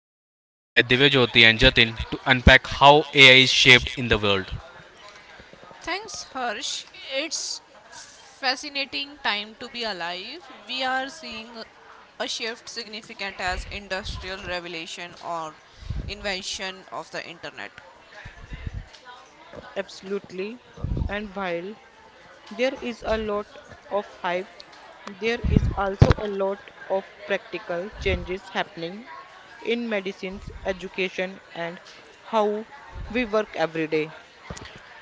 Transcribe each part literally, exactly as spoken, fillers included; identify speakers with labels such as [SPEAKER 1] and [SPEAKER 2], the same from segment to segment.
[SPEAKER 1] am joined by Divya Jyoti and Jatin to unpack how A I is shaped in the world.
[SPEAKER 2] Thanks, Harsh. It's fascinating time to be alive. We are seeing a shift significant as industrial revelation or invention of the internet.
[SPEAKER 3] Absolutely. And while there is a lot of hype, there is also a lot of practical changes happening in medicines, education, and how we work every day.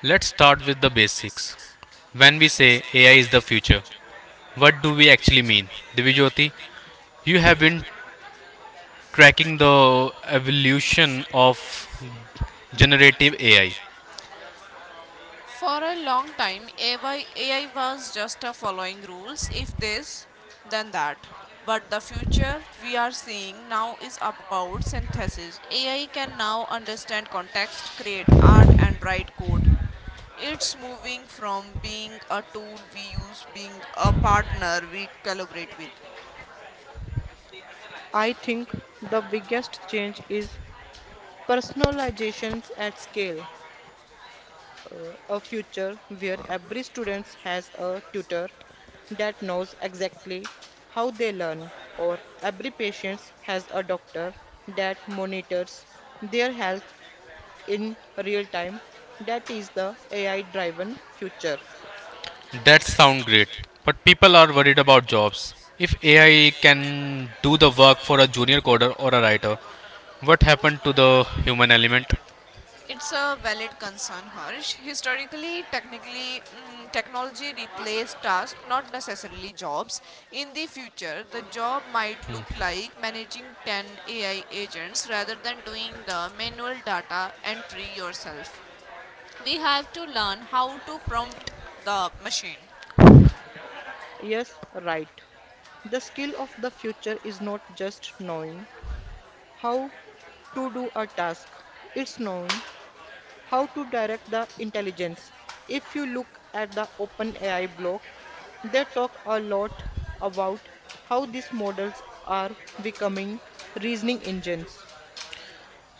[SPEAKER 1] Let's start with the basics. When we say A I is the future, what do we actually mean? Divya Jyoti, you have been tracking the evolution of generative A I.
[SPEAKER 2] For a long time, A I, was just a following rules, if this, then that. But the future we are seeing now is about synthesis. A I can now understand context, create art, and write code. It's moving from being a tool we use, being a partner we collaborate with.
[SPEAKER 3] I think the biggest change is personalizations at scale. Uh, a future where every student has a tutor that knows exactly how they learn, or every patient has a doctor that monitors their health in real time. That is the A I driven future.
[SPEAKER 1] That sounds great, but people are worried about jobs. If A I can do the work for a junior coder or a writer, what happened to the human element?
[SPEAKER 2] It's a valid concern, Harsh. Historically, technically, mm, technology replaced tasks, not necessarily jobs. In the future, the job might look like managing ten A I agents rather than doing the manual data entry yourself. We have to learn how to prompt the machine.
[SPEAKER 3] Yes, right. The skill of the future is not just knowing how to do a task, it's knowing how to direct the intelligence. If you look at the OpenAI blog, they talk a lot about how these models are becoming reasoning engines.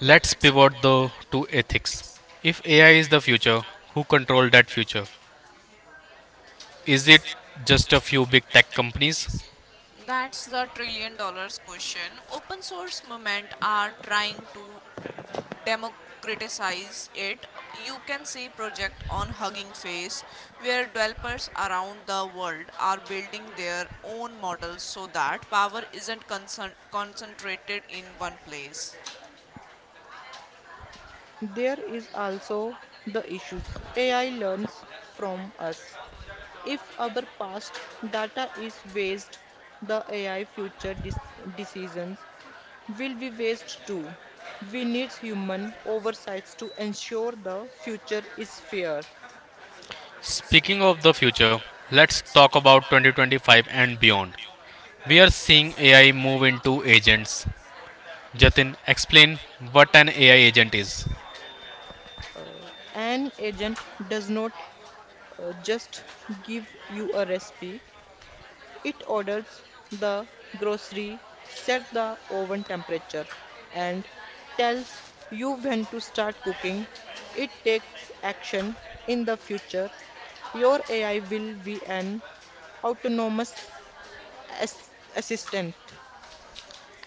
[SPEAKER 1] Let's pivot though to ethics. If A I is the future, who control that future? Is it just a few big tech companies?
[SPEAKER 2] That's the trillion dollars question open source movement are trying to democratize it. You can see project on Hugging Face where developers around the world are building their own models so that power isn't concern- concentrated in one place.
[SPEAKER 3] There is also the issues. A I learns from us. If our past data is waste, the A I future dis- decisions will be waste too. We need human oversights to ensure the future is fair.
[SPEAKER 1] Speaking of the future, let's talk about twenty twenty-five and beyond. We are seeing A I move into agents. Jatin, explain what an A I agent is.
[SPEAKER 3] Uh, an agent does not uh, just give you a recipe, it orders the grocery, set the oven temperature, and tells you when to start cooking. It takes action in the future. Your A I will be an autonomous as- assistant,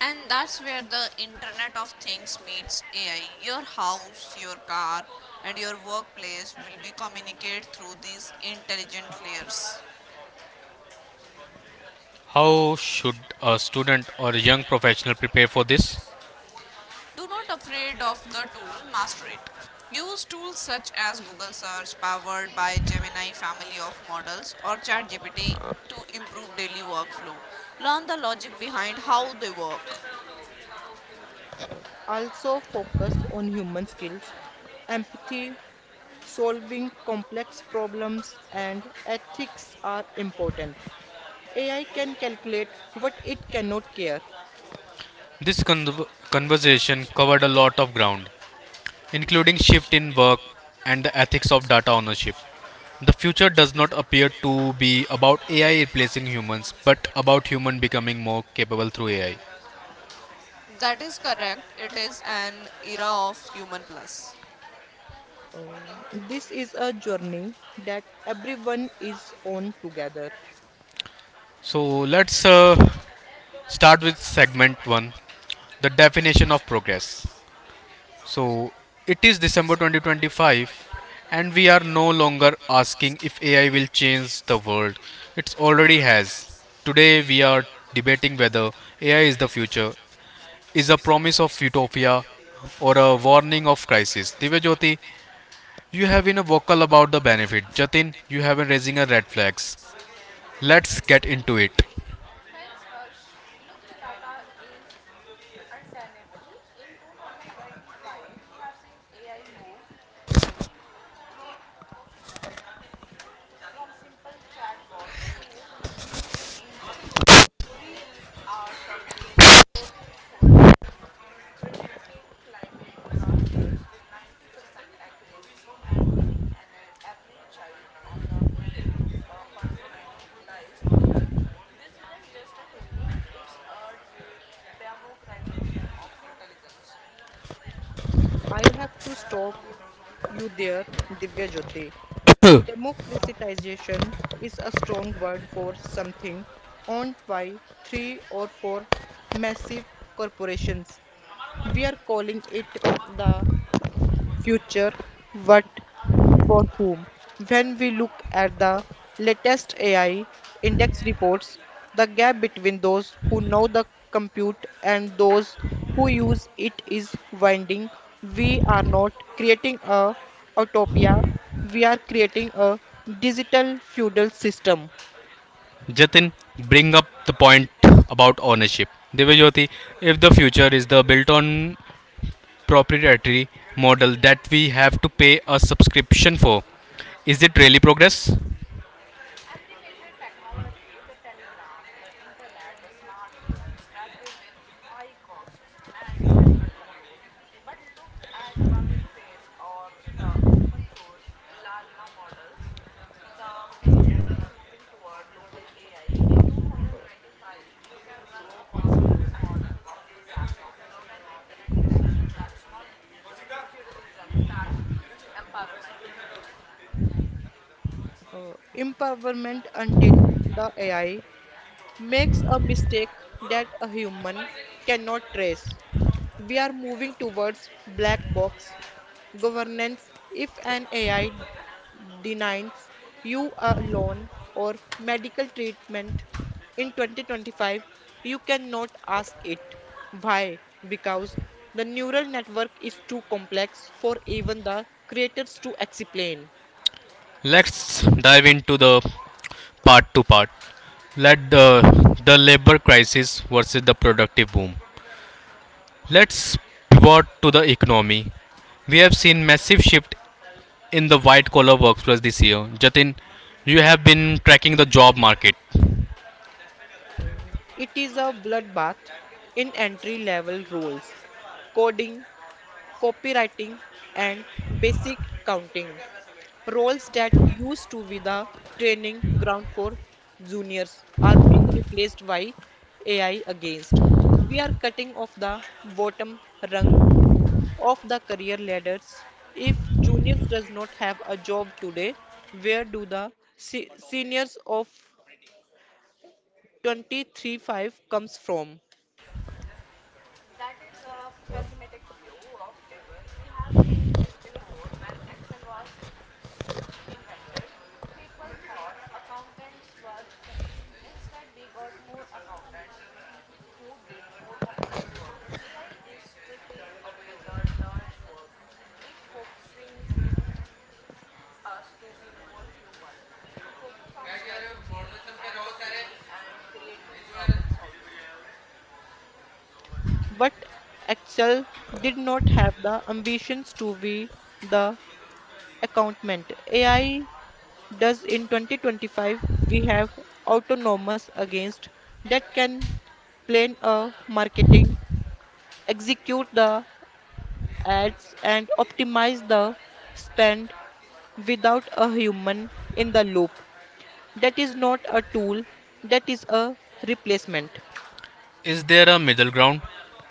[SPEAKER 2] And that's where the Internet of Things meets A I. Your house, your car, and your workplace will be communicate through these intelligent layers.
[SPEAKER 1] How should a student or a young professional prepare for this?
[SPEAKER 2] Do not afraid of the tool, master it. Use tools such as Google search powered by Gemini family of models or ChatGPT to improve daily workflow. Learn the logic behind how they work.
[SPEAKER 3] also focused on human skills, empathy, solving complex problems, and ethics are important. A I can calculate what it cannot care.
[SPEAKER 1] This con- conversation covered a lot of ground, including shift in work and the ethics of data ownership. The future does not appear to be about A I replacing humans, but about human becoming more capable through A I.
[SPEAKER 2] That is correct. It is an era of human plus.
[SPEAKER 3] Uh, this is a journey that everyone is on together.
[SPEAKER 1] So let's uh, start with segment one, the definition of progress. So it is December twenty twenty-five, and we are no longer asking if A I will change the world. It already has. Today we are debating whether A I is the future, is a promise of utopia, or a warning of crisis. Divyajyoti, you have been vocal about the benefit. Jatin, you have been raising a red flags. Let's get into it.
[SPEAKER 3] I have to stop you there, Divya Jyoti. Democratization is a strong word for something owned by three or four massive corporations. We are calling it the future. What for whom. When we look at the latest A I index reports, the gap between those who know the compute and those who use it is winding. We are not creating a utopia, we are creating a digital feudal system.
[SPEAKER 1] Jatin, bring up the point about ownership. Divyajyoti, if the future is the built on proprietary model that we have to pay a subscription for. Is it really progress?
[SPEAKER 3] Uh, empowerment until the A I makes a mistake that a human cannot trace. We are moving towards black box governance. If an A I denies you a loan or medical treatment in twenty twenty-five, you cannot ask it. Why? Because the neural network is too complex for even the creators to explain.
[SPEAKER 1] Let's dive into the part to part. Let the the labor crisis versus the productive boom. Let's pivot to the economy. We have seen massive shift in the white collar workforce this year. Jatin, you have been tracking the job market.
[SPEAKER 3] It is a bloodbath in entry level roles coding, copywriting, and basic counting. Roles that used to be the training ground for juniors are being replaced by A I against. We are cutting off the bottom rung of the career ladders. If juniors does not have a job today, where do the se- seniors of twenty-three five comes from? But Excel did not have the ambitions to be the accountant. A I thus, in twenty twenty-five, we have autonomous against that can plan a marketing, execute the ads, and optimize the spend without a human in the loop. That is not a tool, that is a replacement.
[SPEAKER 1] Is there a middle ground?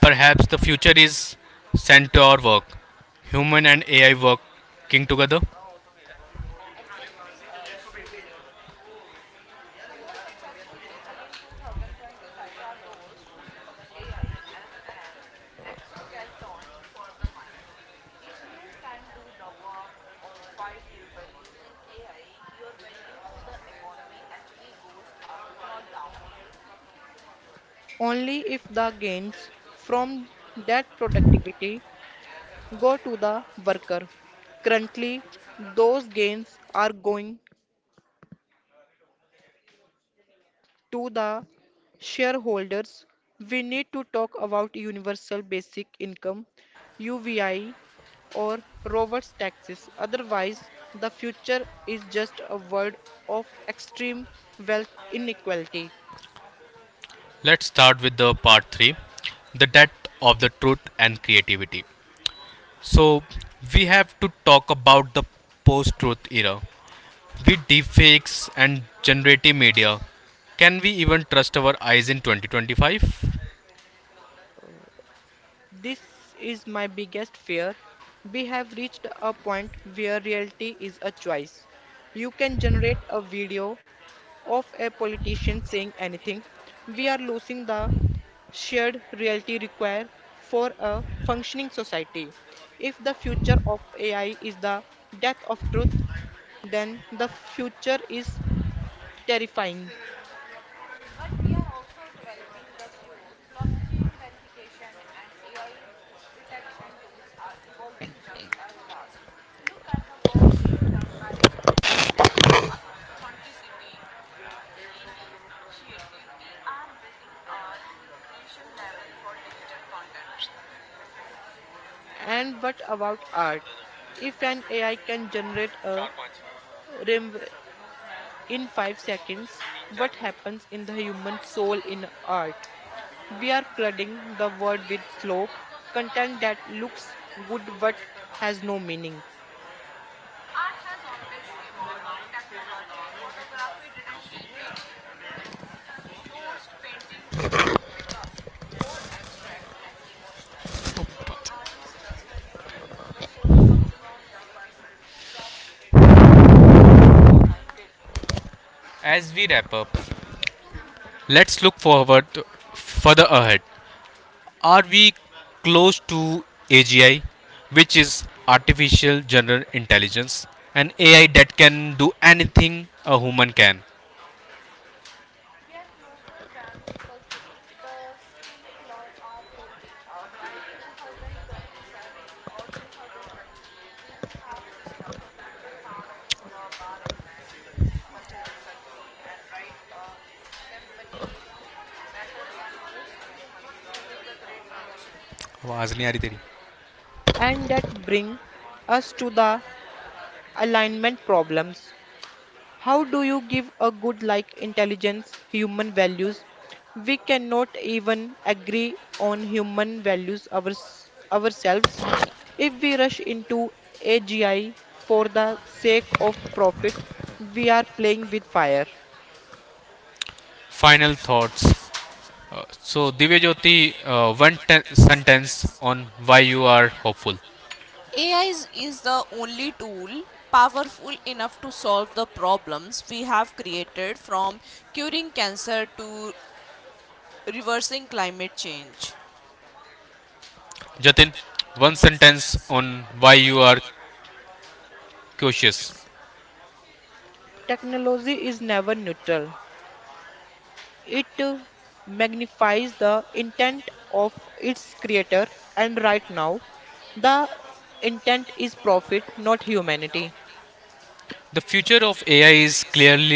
[SPEAKER 1] Perhaps the future is center work, human and A I working together.
[SPEAKER 3] Only if the gains from that productivity go to the worker. Currently, those gains are going to the shareholders, we need to talk about universal basic income, U B I, or Roberts taxes. Otherwise, the future is just a word of extreme wealth inequality.
[SPEAKER 1] Let's start with the part three the death of the truth and creativity. So, we have to talk about the post truth era. With deepfakes and generative media, can we even trust our eyes in twenty twenty-five?
[SPEAKER 3] This is my biggest fear. We have reached a point where reality is a choice. You can generate a video of a politician saying anything. We are losing the shared reality required for a functioning society. If the future of A I is the death of truth, then the future is terrifying. And what about art? If an A I can generate a rim in five seconds, what happens in the human soul in art? We are flooding the world with slow content that looks good but has no meaning.
[SPEAKER 1] As we wrap up, let's look forward further ahead. Are we close to A G I, which is artificial general intelligence, an A I that can do anything a human can? आवाज नहीं आ रही तेरी.
[SPEAKER 3] And that bring us to the alignment problems. How do you give a good like intelligence human values? We cannot even agree on human values ours ourselves. If we rush into A G I for the sake of profit, we are playing with fire.
[SPEAKER 1] Final thoughts. So, Divyajyoti, uh, one ten- sentence on why you are hopeful. Jatin, one sentence on why you are cautious.
[SPEAKER 3] Technology is never neutral. It uh, magnifies the intent of its creator, and right now, the intent is profit, not humanity.
[SPEAKER 1] The future of A I is clearly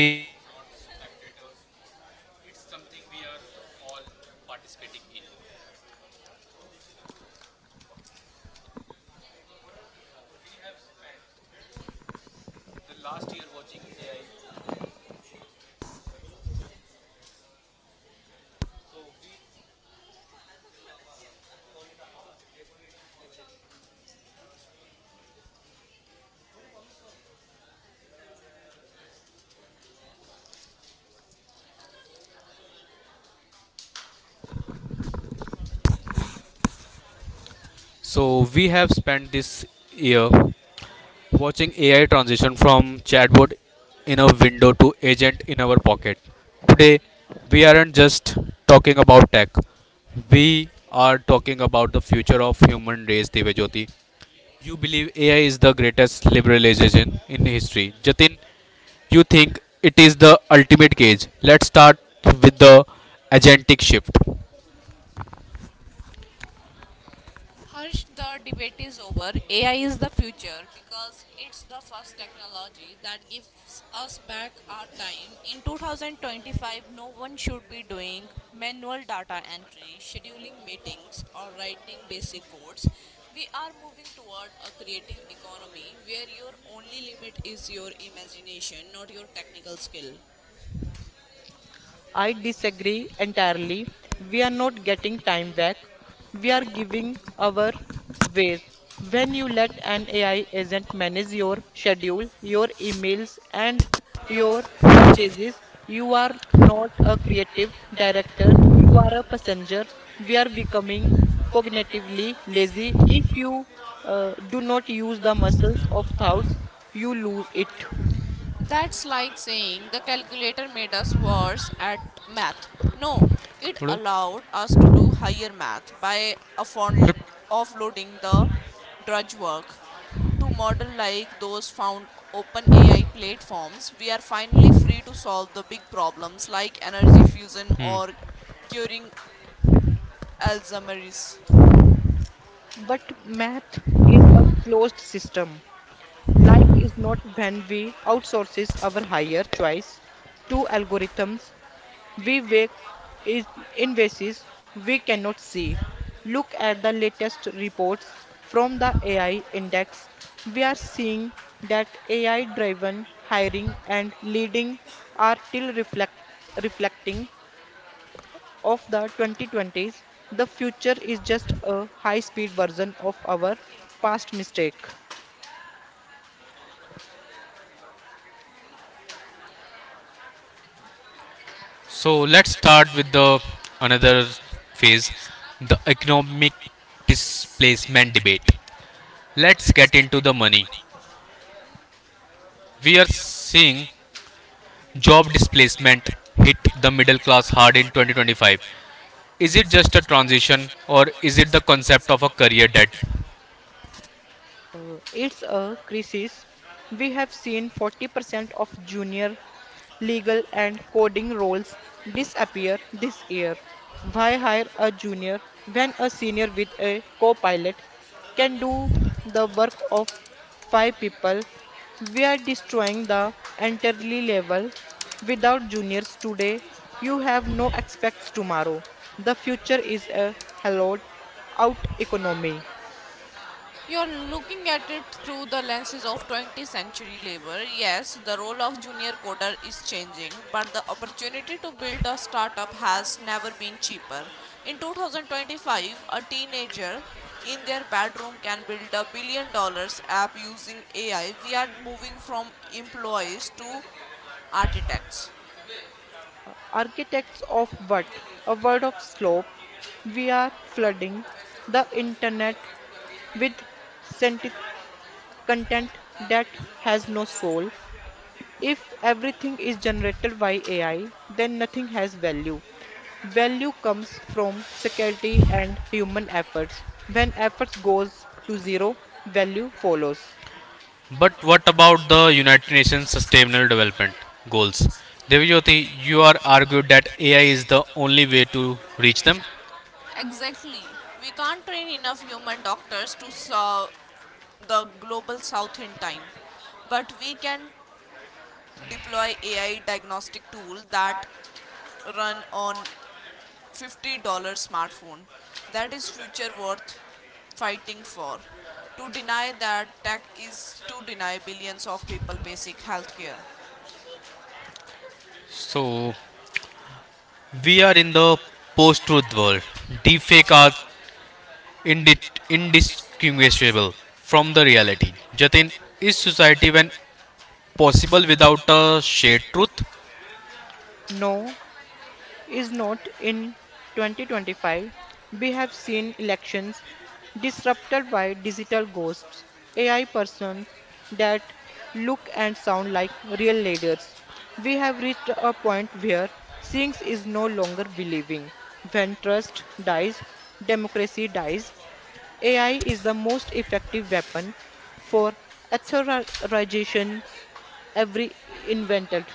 [SPEAKER 3] I disagree entirely. We are not getting time back. We are giving our ways. When you let an A I agent manage your schedule, your emails, and your purchases, you are not a creative director, you are a passenger. We are becoming cognitively lazy. If you uh, do not use the muscles of thoughts, you lose it. But math is a closed system. Life is not when we outsources our higher choice to algorithms. We wake is in ways we cannot see. Look at the latest reports from the A I index. We are seeing that A I driven hiring and leading are still reflect, reflecting of the twenty twenties. The future is just a high speed version of our past mistake. Uh, it's a crisis. We have seen forty percent of junior legal and coding roles disappear this year. Why hire a junior when a senior with a co-pilot can do the work of five people? We are destroying the entirely level. Without juniors today, you have no expects tomorrow. The future is a hollowed out economy. Architects of what? A word of slope. We are flooding the internet with senti- content that has no soul. If everything is generated by A I, then nothing has value. Value comes from security and human efforts. When efforts goes to zero, value follows. No is not in twenty twenty-five. We have seen elections disrupted by digital ghosts, A I persons that look and sound like real leaders. We have reached a point where seeing is no longer believing. When trust dies, democracy dies. A I is the most effective weapon for authorization every invented.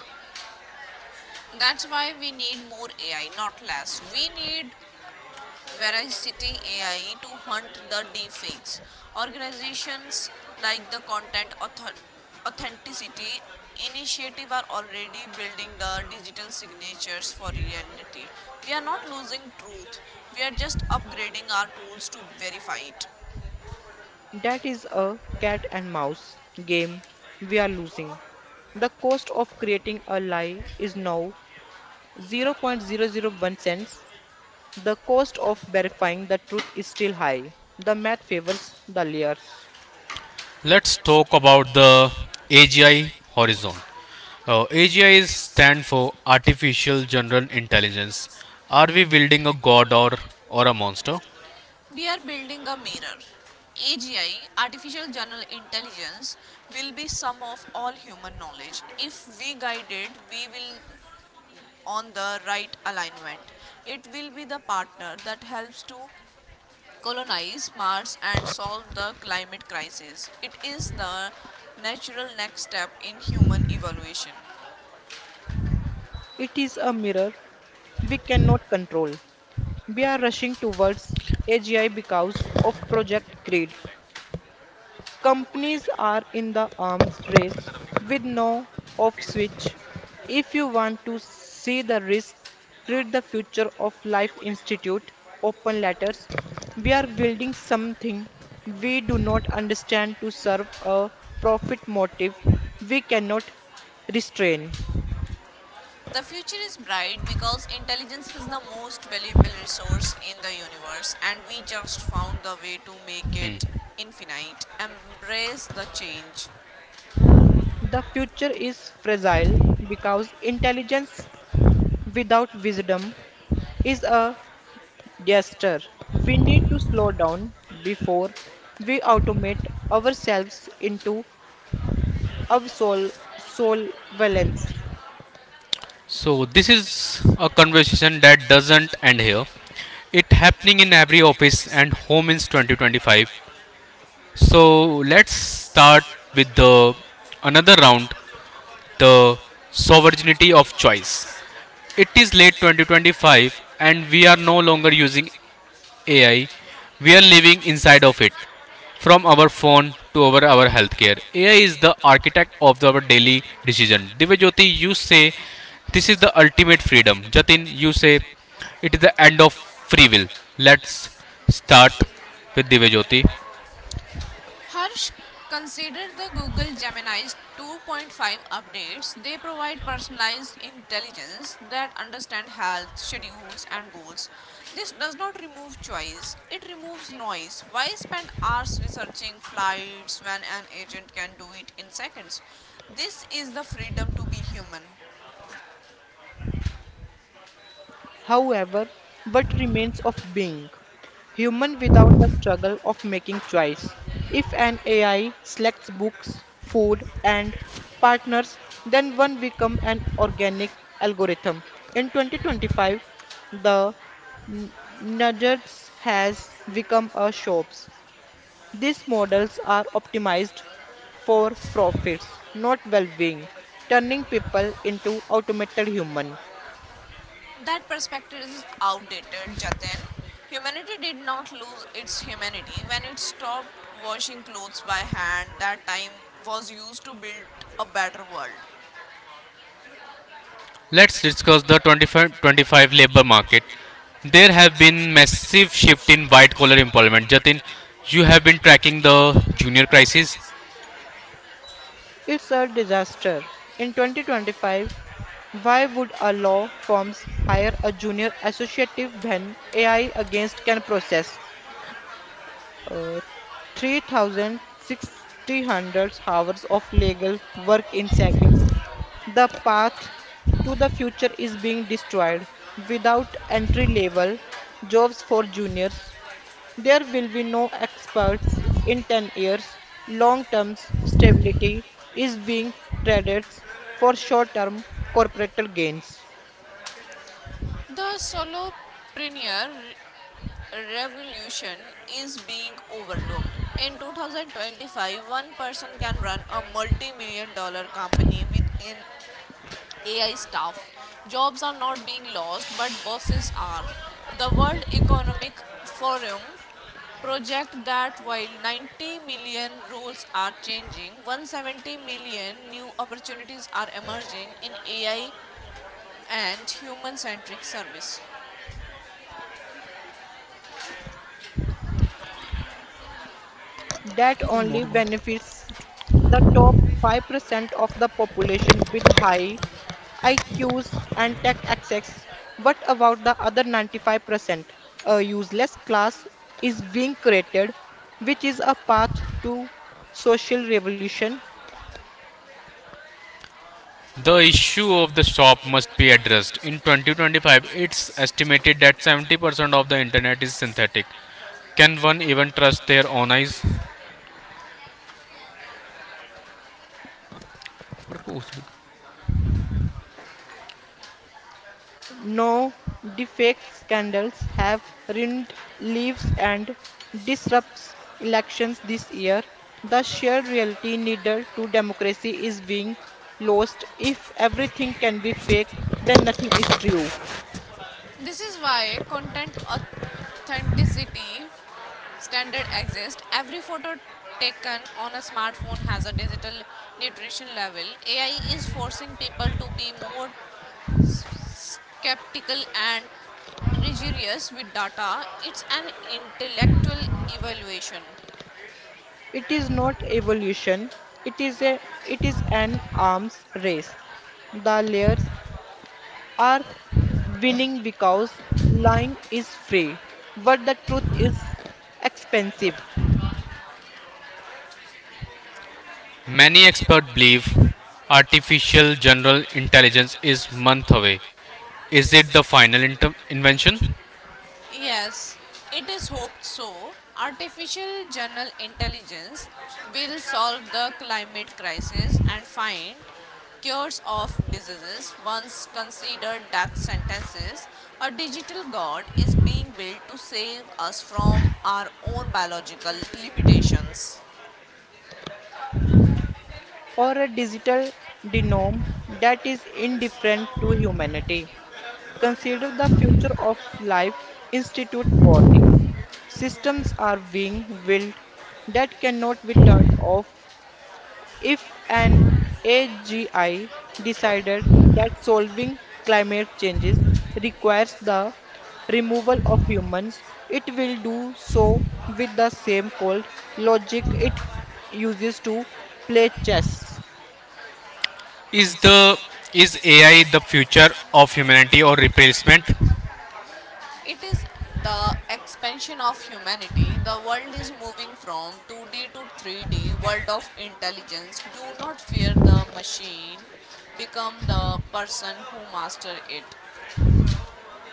[SPEAKER 3] That is a cat and mouse game we are losing. The cost of creating a lie is now zero point zero zero zero 0.001 cents. The cost of verifying the truth is still high. The math favors the liars. It is a mirror we cannot control. We are rushing towards A G I because of Project Creed. Companies are in the arms race with no off switch. If you want to see the risk, read the Future of Life Institute open letters. We are building something we do not understand to serve a profit motive we cannot restrain. The future is fragile because intelligence without wisdom is a Yes, we need to slow down before we automate ourselves into our soul soul valence. However, what remains of being human without the struggle of making choice? If an A I selects books, food, and partners, then one become an organic algorithm. In twenty twenty-five, the N- Nuggets has become a shops these models are optimized for profits, not well being, turning people into automated human. It's a disaster. In twenty twenty-five, why would a law firms hire a junior associate when A I against can process uh, three thousand six hundred hours of legal work in seconds. The path to the future is being destroyed. Without entry level jobs for juniors, there will be no experts in ten years. Long term stability is being traded for short term corporate gains. That only benefits the top five percent of the population with high I Qs and tech access. What about the other ninety-five percent? A useless class is being created, which is a path to social revolution. Now, the fake scandals have ruined lives and disrupts elections this year. The shared reality needed to democracy is being lost. If everything can be fake, then nothing is true. It is not evolution. It is a it is an arms race. The layers are winning because lying is free, but the truth is expensive. Or a digital genome that is indifferent to humanity. Consider the future of life institute warning. Systems are being built that cannot be turned off. If an A G I decided that solving climate changes requires the removal of humans, it will do so with the same cold logic it uses to play chess.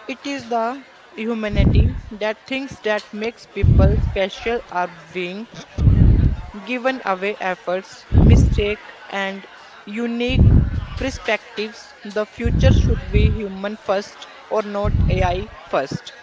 [SPEAKER 3] It is the humanity that things that makes people special are being given away efforts, mistake and unique perspectives. The future should be human first or not A I first.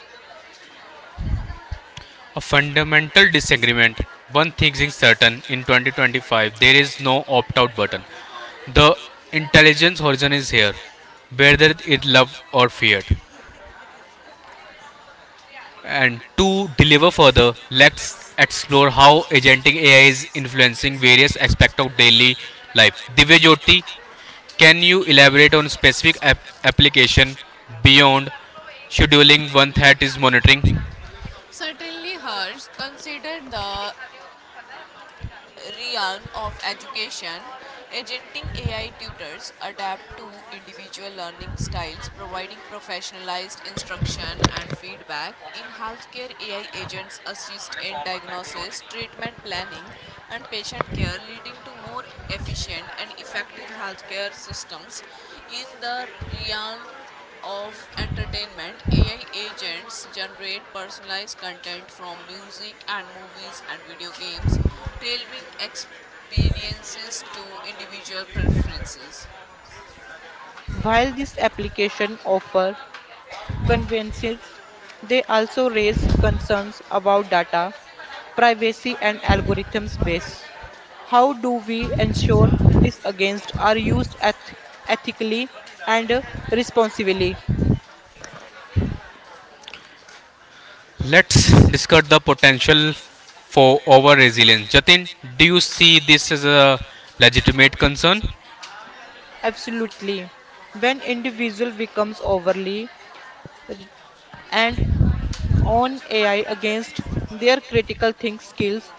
[SPEAKER 3] While this application offer conveniences. They also raise concerns about data privacy and algorithms based. How do we ensure this against are used eth- ethically and uh, responsibly? Absolutely. When individual becomes overly r- and on A I against their critical think skills,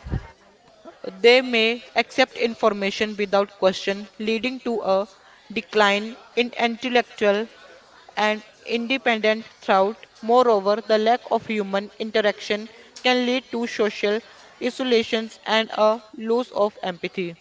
[SPEAKER 3] they may accept information without question, leading to a decline in intellectual and independent throughout. Moreover, the lack of human interaction can lead to social isolations and a loss of empathy.